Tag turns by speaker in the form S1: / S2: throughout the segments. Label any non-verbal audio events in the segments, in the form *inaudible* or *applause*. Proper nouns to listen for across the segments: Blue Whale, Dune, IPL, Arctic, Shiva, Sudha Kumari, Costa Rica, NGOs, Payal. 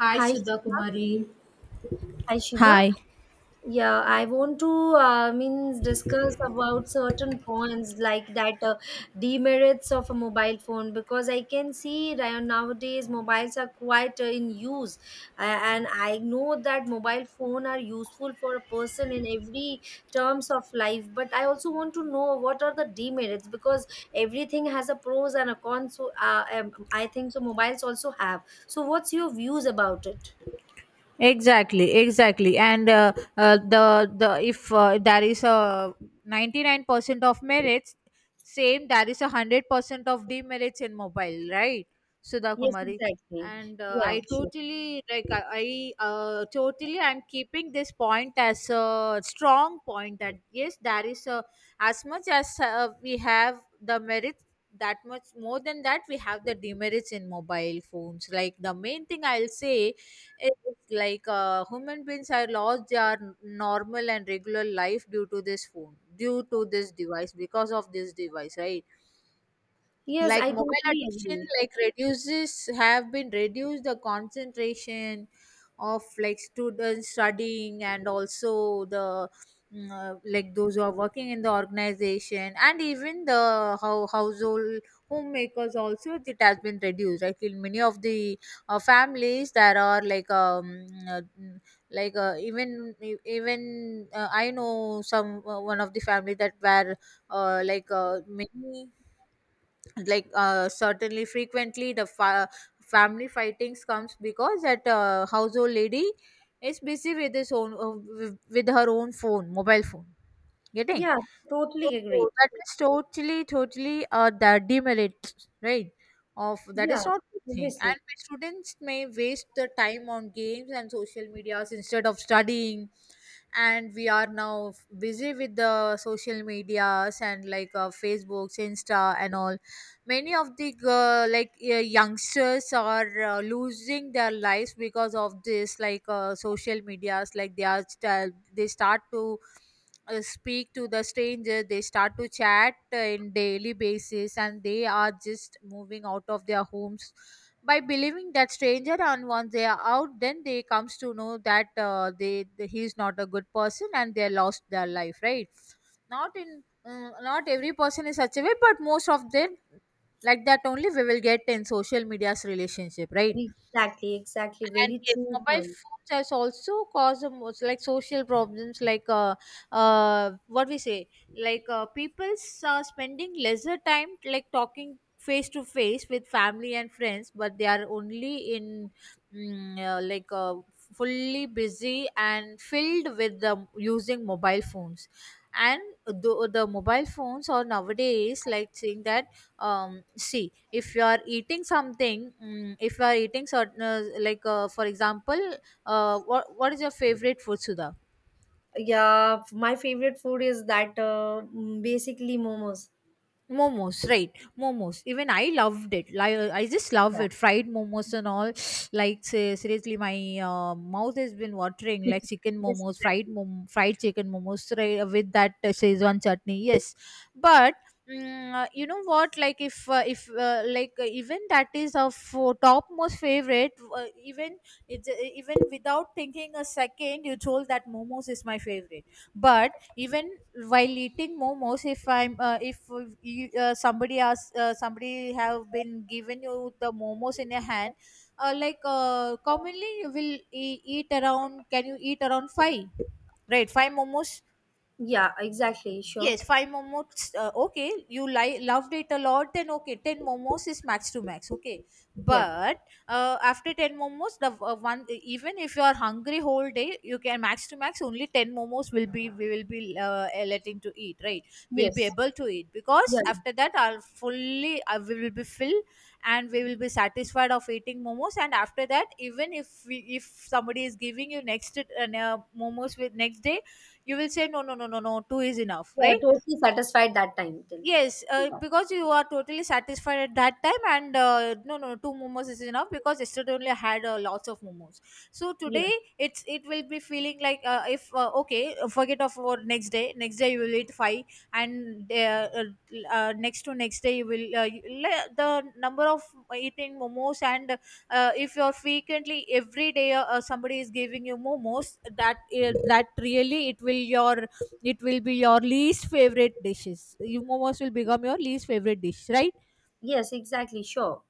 S1: Hi,
S2: Hi
S1: Sudha
S2: Shiva.
S1: Kumari.
S2: Hi Shiva.
S1: Hi.
S2: Yeah, I want to means discuss about certain points like that demerits of a mobile phone because I can see right nowadays mobiles are quite in use, and I know that mobile phone are useful for a person in every terms of life. But I also want to know what are the demerits because everything has a pros and a cons. So I think so. Mobiles also have. So what's your views about it?
S1: Exactly, and the if there is a 99% of merits, same there is a 100% of demerits in mobile, right, Sudha
S2: Yes,
S1: Kumari?
S2: exactly.
S1: And
S2: Yeah, sure.
S1: I totally I'm keeping this point as a strong point, that yes, there is, a as much as we have the merits, that much more than that we have the demerits in mobile phones. Like the main thing I'll say, it's like human beings are lost their normal and regular life due to this phone, due to this device, because of this device, right?
S2: Yes,
S1: Like
S2: I
S1: mobile
S2: totally
S1: addiction,
S2: agree.
S1: like reduces have been reduced the concentration of like students studying, and also the like those who are working in the organization, and even the how household homemakers also it has been reduced. I feel many of the families that are like like even e, even I know some one of the family that were many certainly frequently family fightings comes because that household lady is busy with his own with her own phone mobile phone getting.
S2: Yeah, totally agreed.
S1: So that is totally the demerit, right? Of that is
S2: Yeah,
S1: not good thing,
S2: obviously.
S1: and students may waste the time on games and social medias instead of studying. And we are now busy with the social medias, and like facebooks, insta and all. Many of the youngsters are losing their lives because of this, like social medias. Like they start to speak to the stranger, they start to chat in daily basis, and they are just moving out of their homes by believing that stranger. And once they are out, then they comes to know that they he is not a good person, and they lost their life, right? Not in not every person is such a way, but most of them, like that only we will get in social media's relationship, right?
S2: Exactly, exactly.
S1: And
S2: Very
S1: yes,
S2: true
S1: mobile
S2: point.
S1: phones has also caused a most, like social problems, like what we say, like people's spending lesser time like talking face to face with family and friends, but they are only in mm, uh, like uh, fully busy and filled with the using mobile phones. And the mobile phones are nowadays like saying that see, if you are eating something, if you are eating certain, for example what is your favorite food, Sudha?
S2: Yeah, my favorite food is basically momos.
S1: Momos, right? Momos, even I loved it, like I just love
S2: Yeah.
S1: it, fried momos and all *sniffs* like seriously my mouth has been watering,
S2: *laughs*
S1: like chicken
S2: Yes,
S1: momos,
S2: exactly.
S1: fried chicken momos, right, with that szechuan chutney. Yes, but you know what, like if like even that is of topmost favorite, even even without thinking a second you told that momos is my favorite. But even while eating momos, if I'm if you, somebody asks, somebody have been given you the momos in your hand, commonly you will eat around, can you eat around five, right? Five momos.
S2: Yeah, exactly. Sure.
S1: Yes, five momos. Okay, you loved it a lot. Then okay, ten momos is max to max. Okay,
S2: Yeah.
S1: but after ten momos, the one, even if you are hungry whole day, you can max to max only ten momos will be, we will be letting to eat. Right, we'll be
S2: Yes.
S1: able to eat,
S2: Yeah.
S1: because after that, I'll fully I we will be filled and we will be satisfied of eating momos. And after that, even if we, if somebody is giving you next momos with next day, you will say no no no no no, two is enough,
S2: Yeah,
S1: right?
S2: totally satisfied that time till.
S1: Yes, because you are totally satisfied at that time, and no, no, two momos is enough, because yesterday only I had lots of momos. So
S2: Yeah.
S1: today it's, it will be feeling like if okay, forget of what next day. Next day you will eat five, and uh, next to next day you will the number of eating momos, and if you are frequently every day somebody is giving you momos, that that really it will your, it will be your least favorite dishes. You momos will become your least favorite dish, right?
S2: Yes, exactly. Sure.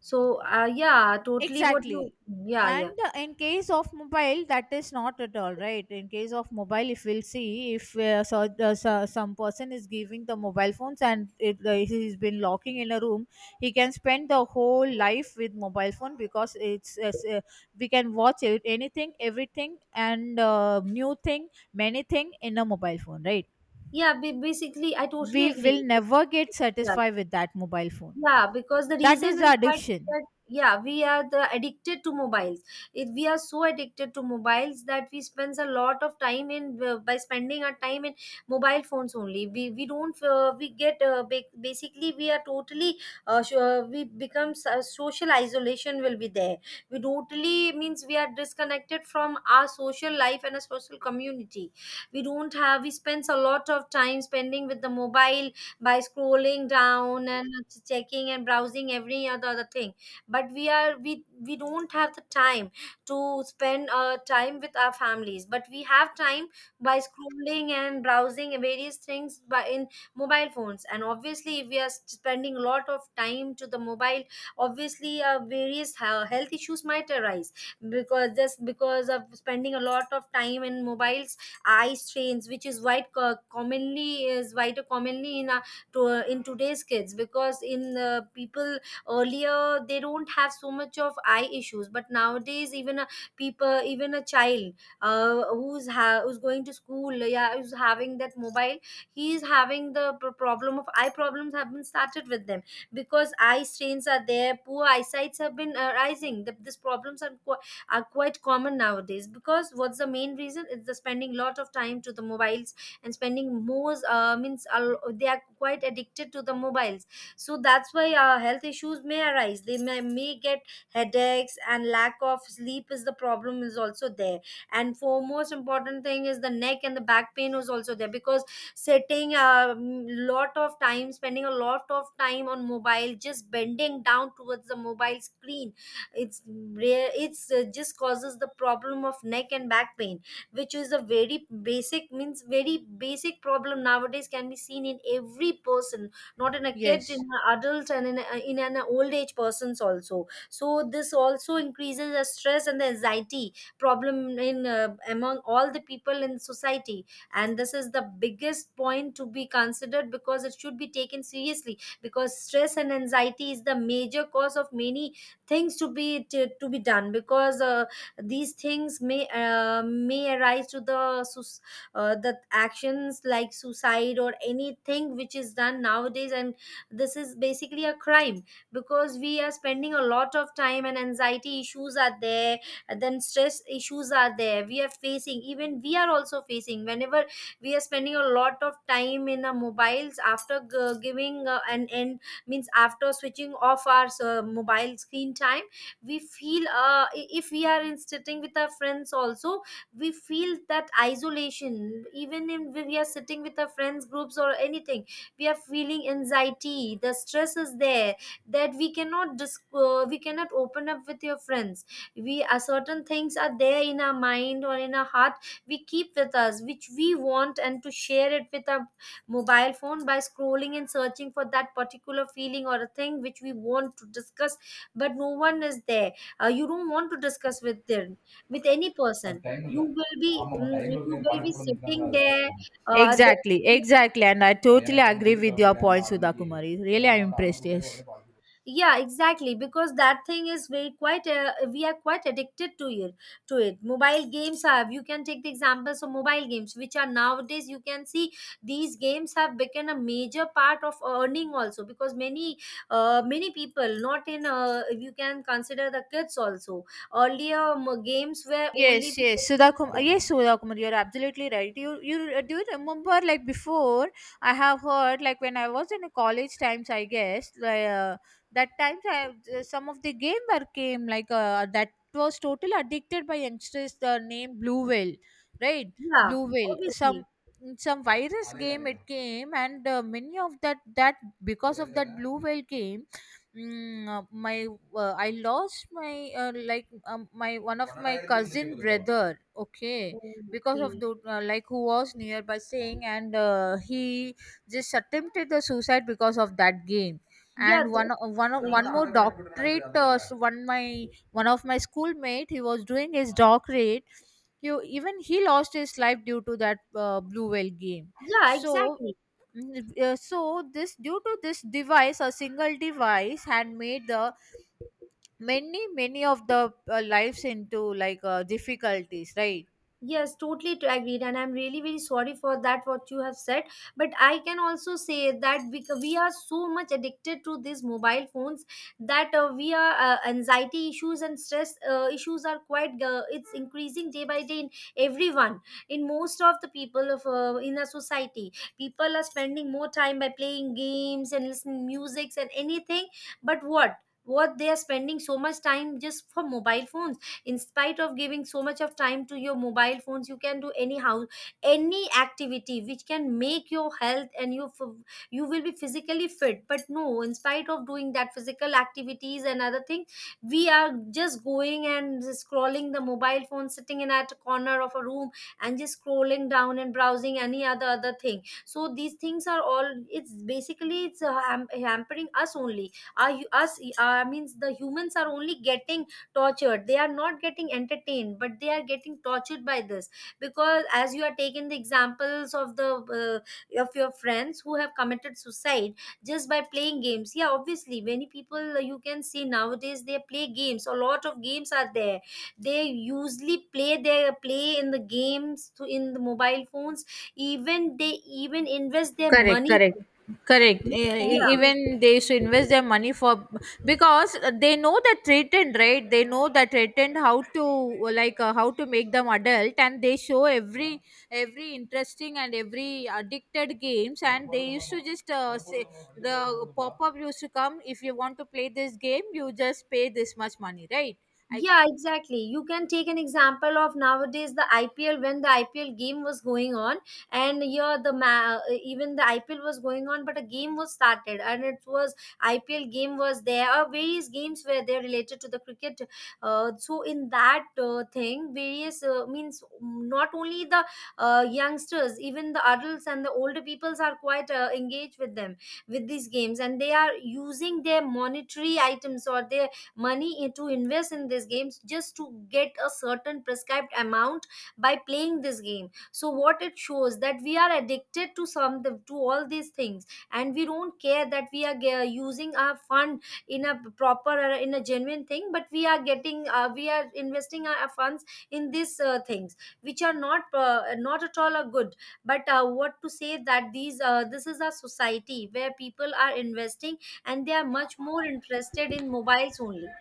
S2: So, yeah, totally what you,
S1: Exactly.
S2: yeah, yeah.
S1: And in case of mobile, that is not at all right. In case of mobile, if we'll see, if so, so, some person is giving the mobile phones, and he's been locking in a room, he can spend the whole life with mobile phone, because we can watch it, anything, everything, and new thing, many thing in a mobile phone, right?
S2: Yeah, basically, I totally
S1: We will
S2: agree.
S1: never get
S2: Yeah,
S1: satisfied with that mobile phone.
S2: yeah, because the
S1: That is
S2: reason
S1: the
S2: is that,
S1: addiction.
S2: that yeah, we are the addicted to mobiles. It, we are so addicted to mobiles that we spends a lot of time in by spending our time in mobile phones only. We don't we get basically we are totally sure we become social isolation will be there. We totally means we are disconnected from our social life and a social community. We don't have we spends a lot of time spending with the mobile by scrolling down and checking and browsing every other thing but we are we don't have the time to spend time with our families but we have time by scrolling and browsing various things by in mobile phones. And obviously if we are spending a lot of time to the mobile, obviously various health issues might arise because just because of spending a lot of time in mobiles, eye strains which is quite commonly is quite commonly in our to in today's kids. Because in people earlier they don't have so much of eye issues but nowadays even a people even a child who's going to school, yeah, who's having that mobile, he's having the problem of eye problems have been started with them because eye strains are there, poor eyesights have been arising these problems are, are quite common nowadays. Because what's the main reason? It's the spending lot of time to the mobile and spending they are quite addicted to the mobiles. So that's why health issues may arise, may get headaches, and lack of sleep is the problem is also there. And for most important thing is the neck and the back pain is also there because sitting a lot of time, spending a lot of time on mobile just bending down towards the mobile screen, it's rare, it's just causes the problem of neck and back pain, which is a very basic means very basic problem nowadays can be seen in every person, not in a kid, in
S1: Yes.
S2: an adult, and in an old age persons also. So this also increases the stress and the anxiety problem in among all the people in society. And this is the biggest point to be considered because it should be taken seriously because stress and anxiety is the major cause of many things to be to be done. Because these things may arise to the the actions like suicide or anything which is done nowadays. And this is basically a crime because we are spending a lot of time and anxiety issues are there and then stress issues are there. We are facing, even we are also facing whenever we are spending a lot of time in our mobiles after giving an end means after switching off our mobile screen time, we feel if we are in sitting with our friends also, we feel that isolation even in when we are sitting with our friends groups or anything. We are feeling anxiety, the stress is there, that we cannot we cannot open up with your friends. We are certain things are there in our mind or in our heart, we keep with us, which we want and to share it with our mobile phone by scrolling and searching for that particular feeling or a thing which we want to discuss, but no one is there. You don't want to discuss with them, with any person.
S1: Time
S2: You
S1: இல்லை
S2: will be
S1: ஆமாம் டைம்ல
S2: you
S1: பார்த்தீங்கன்னா
S2: will
S1: பாட்டு
S2: be
S1: போட்டு நிற்கிறாங்களா
S2: sitting there,
S1: அது.
S2: the
S1: Exactly, exactly. And I totally agree with your நான் point, Sudha Kumari. Really, I'm impressed. Yes.
S2: yeah, exactly. Because that thing is very quite we are quite addicted to it, to it. Mobile games have, you can take the examples of mobile games which are nowadays you can see these games have become a major part of earning also because many many people not in you can consider the kids also. Earlier games were only
S1: Yes, yes, Sudha Kumar. Yes, Sudha Kumar, you're absolutely right. You do you remember like before? I have heard, like when I was in a college times, I guess, like that times I some of the gamer came, like that was totally addicted by youngsters. The name Blue Whale, right?
S2: yeah,
S1: Blue Whale.
S2: obviously.
S1: Some virus game it came, and many of that that because of that Blue Whale game. My I lost my my one of my cousin brother. Okay,
S2: Oh,
S1: because of
S2: okay.
S1: the like, who was nearby staying, and he just attempted the suicide because of that game.
S2: Yeah,
S1: And one
S2: that's the
S1: one
S2: issue.
S1: more doctorate. One, my one of my schoolmate. He was doing his doctorate. You, even he lost his life due to that Blue Whale game.
S2: Yeah,
S1: So
S2: exactly.
S1: So this due to this device, a single device had made the many many of the lives into, like difficulties, right?
S2: Yes, totally to agreed, and I'm really very sorry for that what you have said. But I can also say that we are so much addicted to these mobile phones that we are anxiety issues and stress issues are quite it's increasing day by day in everyone, in most of the people of in a society. People are spending more time by playing games and listening music and anything. But what? What they are spending so much time just for mobile phones? In spite of giving so much of time to your mobile phones, you can do anyhow any activity which can make your health and you will be physically fit. But no, in spite of doing that physical activities and other thing, we are just going and scrolling the mobile phone sitting in at a corner of a room and just scrolling down and browsing any other thing. So these things are all, it's basically hampering us only. Are you us means the humans are only getting tortured, they are not getting entertained, but they are getting tortured by this. Because as you are taking the examples of the of your friends who have committed suicide just by playing games, yeah, obviously many people you can see nowadays they play games, a lot of games are there, they usually play their play in the games to in the mobile phones, even they even invest their
S1: Correct,
S2: money.
S1: correct, correct.
S2: Yeah.
S1: Even they should invest their money for, because they know the threatened, right? They know the threatened how to, like how to make them adult, and they show every interesting and every addicted games, and they used to just say the pop up used to come, if you want to play this game, you just pay this much money, right? I.
S2: Yeah, exactly. You can take an example of nowadays the IPL. When the IPL game was going on, and yeah, even the IPL was going on, but a game was started, and it was IPL game was there, or various games were there related to the cricket. So in that thing, various means not only the youngsters, even the adults and the older peoples are quite engaged with them, with these games, and they are using their monetary items or their money to invest in these games just to get a certain prescribed amount by playing this game. So what it shows that we are addicted to some, to all these things, and we don't care that we are using our fund in a proper or in a genuine thing, but we are getting we are investing our funds in these things which are not not at all a good. But what to say that these this is a society where people are investing and they are much more interested in mobiles only.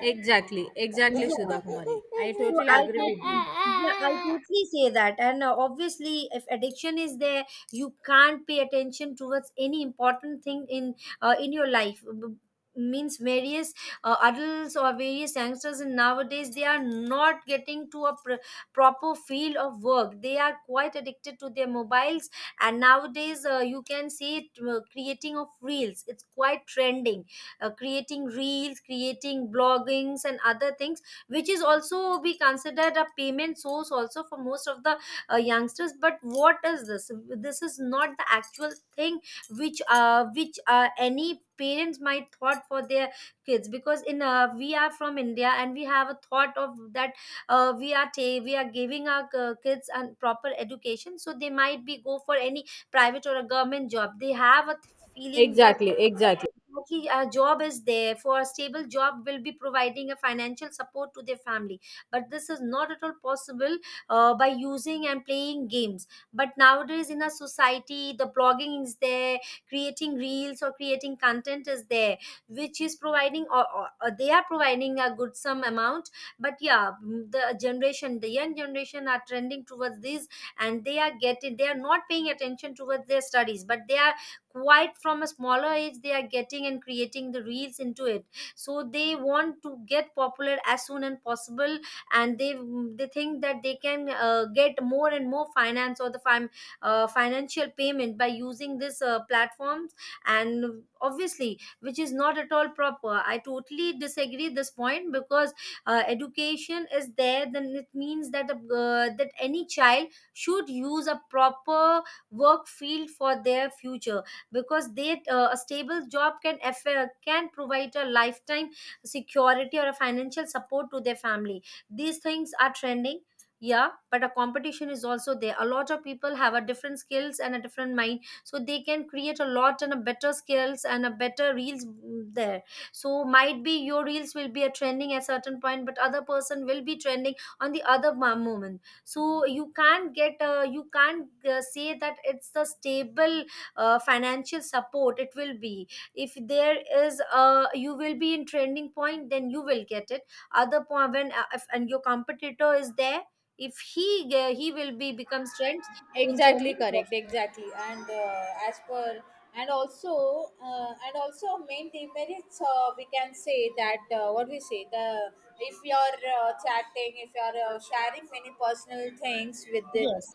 S1: Exactly, exactly,
S2: Yeah,
S1: Sudha Kumari. I
S2: so
S1: totally
S2: I
S1: agree with
S2: totally,
S1: you.
S2: yeah, I totally say that. And obviously, if addiction is there, you can't pay attention towards any important thing in your life. Means various adults or various youngsters in nowadays they are not getting to a proper field of work. They are quite addicted to their mobiles, and nowadays you can see it, creating of reels, it's quite trending. Uh, creating reels, creating bloggings and other things, which is also be considered a payment source also for most of the youngsters. But what is this? This is not the actual thing which any parents might thought for their kids. Because in we are from india and we have a thought of that we are we are giving our kids a proper education, so they might be go for any private or a government job. They have a feeling that
S1: Exactly, exactly,
S2: exactly, a job is there, for a stable job will be providing a financial support to their family. But this is not at all possible by using and playing games. But nowadays in our society, the blogging is there, creating reels or creating content is there, which is providing or, or they are providing a good some amount. But yeah, the generation, the young generation are trending towards this, and they are getting, they are not paying attention towards their studies, but they are quite from a smaller age they are getting and creating the reels into it. So they want to get popular as soon as possible, and they think that they can get more and more finance or the financial payment by using this platforms. And obviously which is not at all proper. I totally disagree this point, because education is there. Then it means that a, that any child should use a proper work field for their future. Because they a stable job can can provide a lifetime security or a financial support to their family. These things are trending, yeah, but a competition is also there. A lot of people have a different skills and a different mind, so they can create a lot and a better skills and a better reels, there. So might be your reels will be a trending at certain point, but other person will be trending on the other moment. So you can't get you can't say that it's a stable financial support it will be. If there is a, you will be in trending point, then you will get it. Other point, when if, and your competitor is there, if he he will be becomes trend, in
S1: exactly
S2: trending,
S1: correct, exactly. And as per, and also main demerits, we can say that what we say, the, if you are chatting, if you are sharing many personal things with the
S2: yes.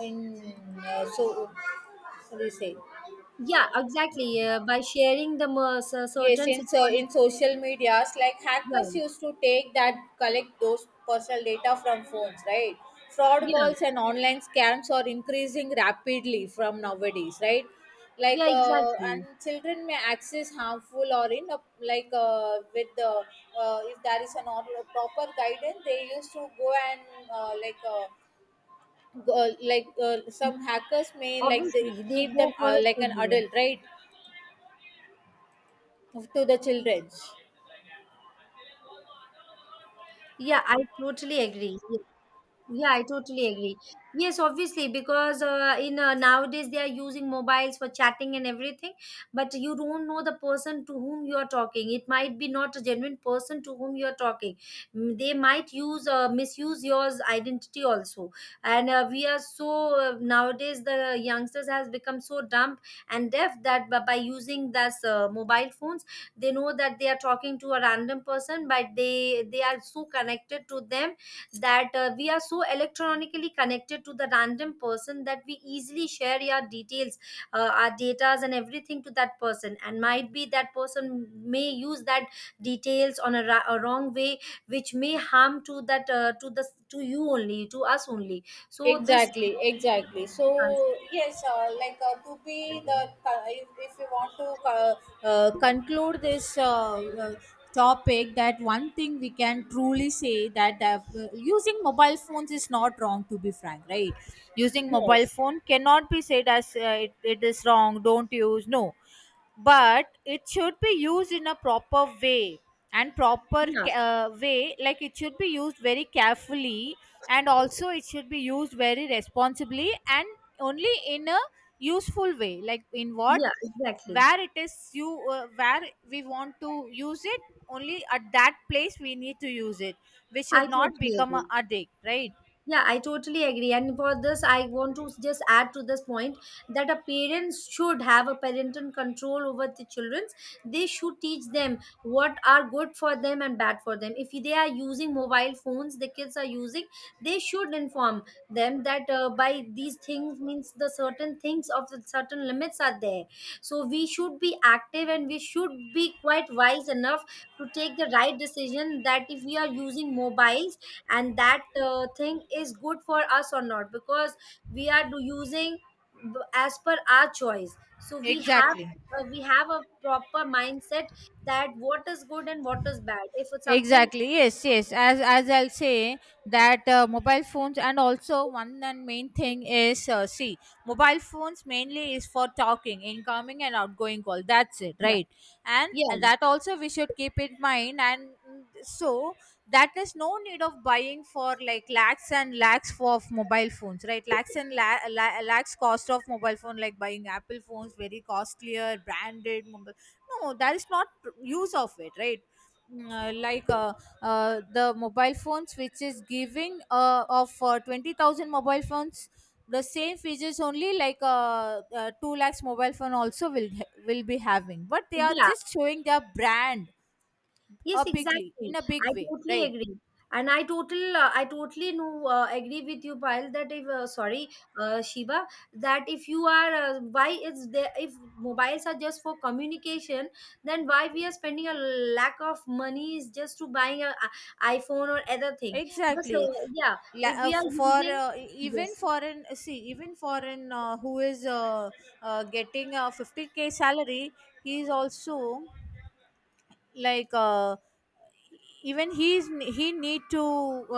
S1: in so what do you say?
S2: Yeah, exactly, by sharing the
S1: Yes,
S2: certain
S1: in, so
S2: security.
S1: in social medias, like hackers
S2: Yeah,
S1: used to take that, collect those personal data from phones, right? Fraud
S2: yeah,
S1: calls and online scams are increasing rapidly from nowadays, right? Like
S2: yeah,
S1: and
S2: exactly.
S1: children may access harmful or in a, like with the if there is an or proper guidance, they used to go, and uh, like. Uh, like some hackers may, like they
S2: Obviously they
S1: keep
S2: go
S1: them
S2: for a
S1: like an
S2: stable,
S1: adult, right, to the children.
S2: yeah, I totally agree. Yeah, I totally agree. Yes, obviously, because in nowadays they are using mobiles for chatting and everything, but you don't know the person to whom you are talking. It might be not a genuine person to whom you are talking. Mm, they might use, misuse your identity also. And we are so nowadays the youngsters has become so dumb and deaf that by using this mobile phones, they know that they are talking to a random person, but they are so connected to them that we are so electronically connected to the random person that we easily share our details, our datas and everything to that person. And might be that person may use that details on a, a wrong way, which may harm to that to you only, to us only. So this,
S1: Exactly, exactly. So yes, to be the if you want to conclude this topic, that one thing we can truly say, that using mobile phones is not wrong, to be frank, right? Using mobile
S2: yes,
S1: phone cannot be said as it is wrong, don't use, no, but it should be used in a proper way, and proper
S2: yeah,
S1: way. Like it should be used very carefully, and also it should be used very responsibly, and only in a useful way, like in what,
S2: yeah, exactly,
S1: where it is, you where we want to use it, only at that place we need to use it. We
S2: I
S1: should not
S2: totally
S1: become a
S2: agree.
S1: addict, right?
S2: Yeah, I totally agree. And for this, I want to just add to this point that a parents should have a parental control over the childrens. They should teach them what are good for them and bad for them. If they are using mobile phones, the kids are using, they should inform them that by these things means the certain things of the certain limits are there. So we should be active and we should be quite wise enough to take the right decision that if we are using mobiles and that thing is good for us or not. Because we are using, as per our choice, so
S1: Exactly.
S2: we have a proper mindset that what is good and what is bad. If it's something,
S1: Exactly. Yes. Yes. As I'll say that mobile phones, and also one and main thing is see, mobile phones mainly is for talking, incoming and outgoing call. That's it,
S2: yeah,
S1: right? And
S2: yeah,
S1: that also we should keep in mind. And so that is no need of buying for like lakhs and lakhs for of mobile phones, right? Lakhs and lakhs cost of mobile phone, like buying Apple phones, very costlier branded mobile. No, that is not use of it, right? uh, like uh, the mobile phones which is giving of 20,000 mobile phones, the same features only, like 2 lakhs mobile phone also will be having, but they are
S2: yeah.
S1: just showing their brand
S2: Yes,
S1: a bigly in
S2: exactly.
S1: a
S2: I
S1: big way,
S2: totally
S1: right?
S2: agree. And I total, I totally know, agree with you, Payal, that if, sorry, Shiva, that if you are, why is there, if mobiles are just for communication, then why we are spending a lack of money is just to buying a iPhone or other thing. But
S1: Exactly.
S2: yeah, if we are using,
S1: Even
S2: yes,
S1: for an, see, even for an who is getting a 50K salary, he is also, like even he's, he need to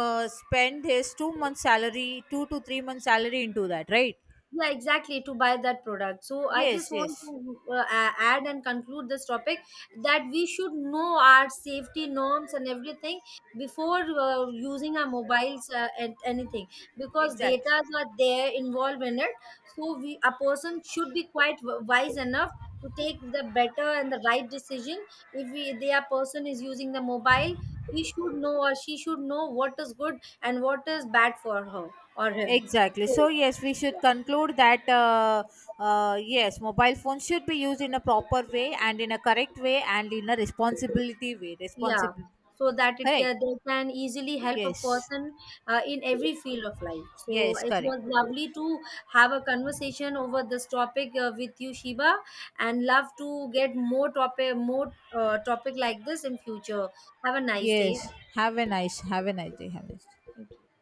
S1: spend his 2 months salary, 2 to 3 months salary into that, right?
S2: yeah, exactly, to buy that product. So I just
S1: Yes,
S2: want
S1: yes.
S2: to add and conclude this topic, that we should know our safety norms and everything before using our mobiles and anything, because
S1: Exactly,
S2: data are there involved in it. So we, a person should be quite wise enough to take the better and the right decision. If we, their person is using the mobile, he should know or she should know what is good and what is bad for her or him.
S1: exactly.
S2: So,
S1: So yes, we should conclude that yes, mobile phones should be used in a proper way, and in a correct way, and in a responsibility way,
S2: yeah,
S1: responsible.
S2: so that it
S1: Correct.
S2: can, they can easily help a
S1: Yes.
S2: person in every field of life. So
S1: Yes,
S2: it
S1: correct.
S2: was lovely to have a conversation over this topic with you, Shiba, and love to get more topic, more topic like this in future. Have a nice day.
S1: Yes, have a nice, have a nice day, have a nice
S2: Thank you.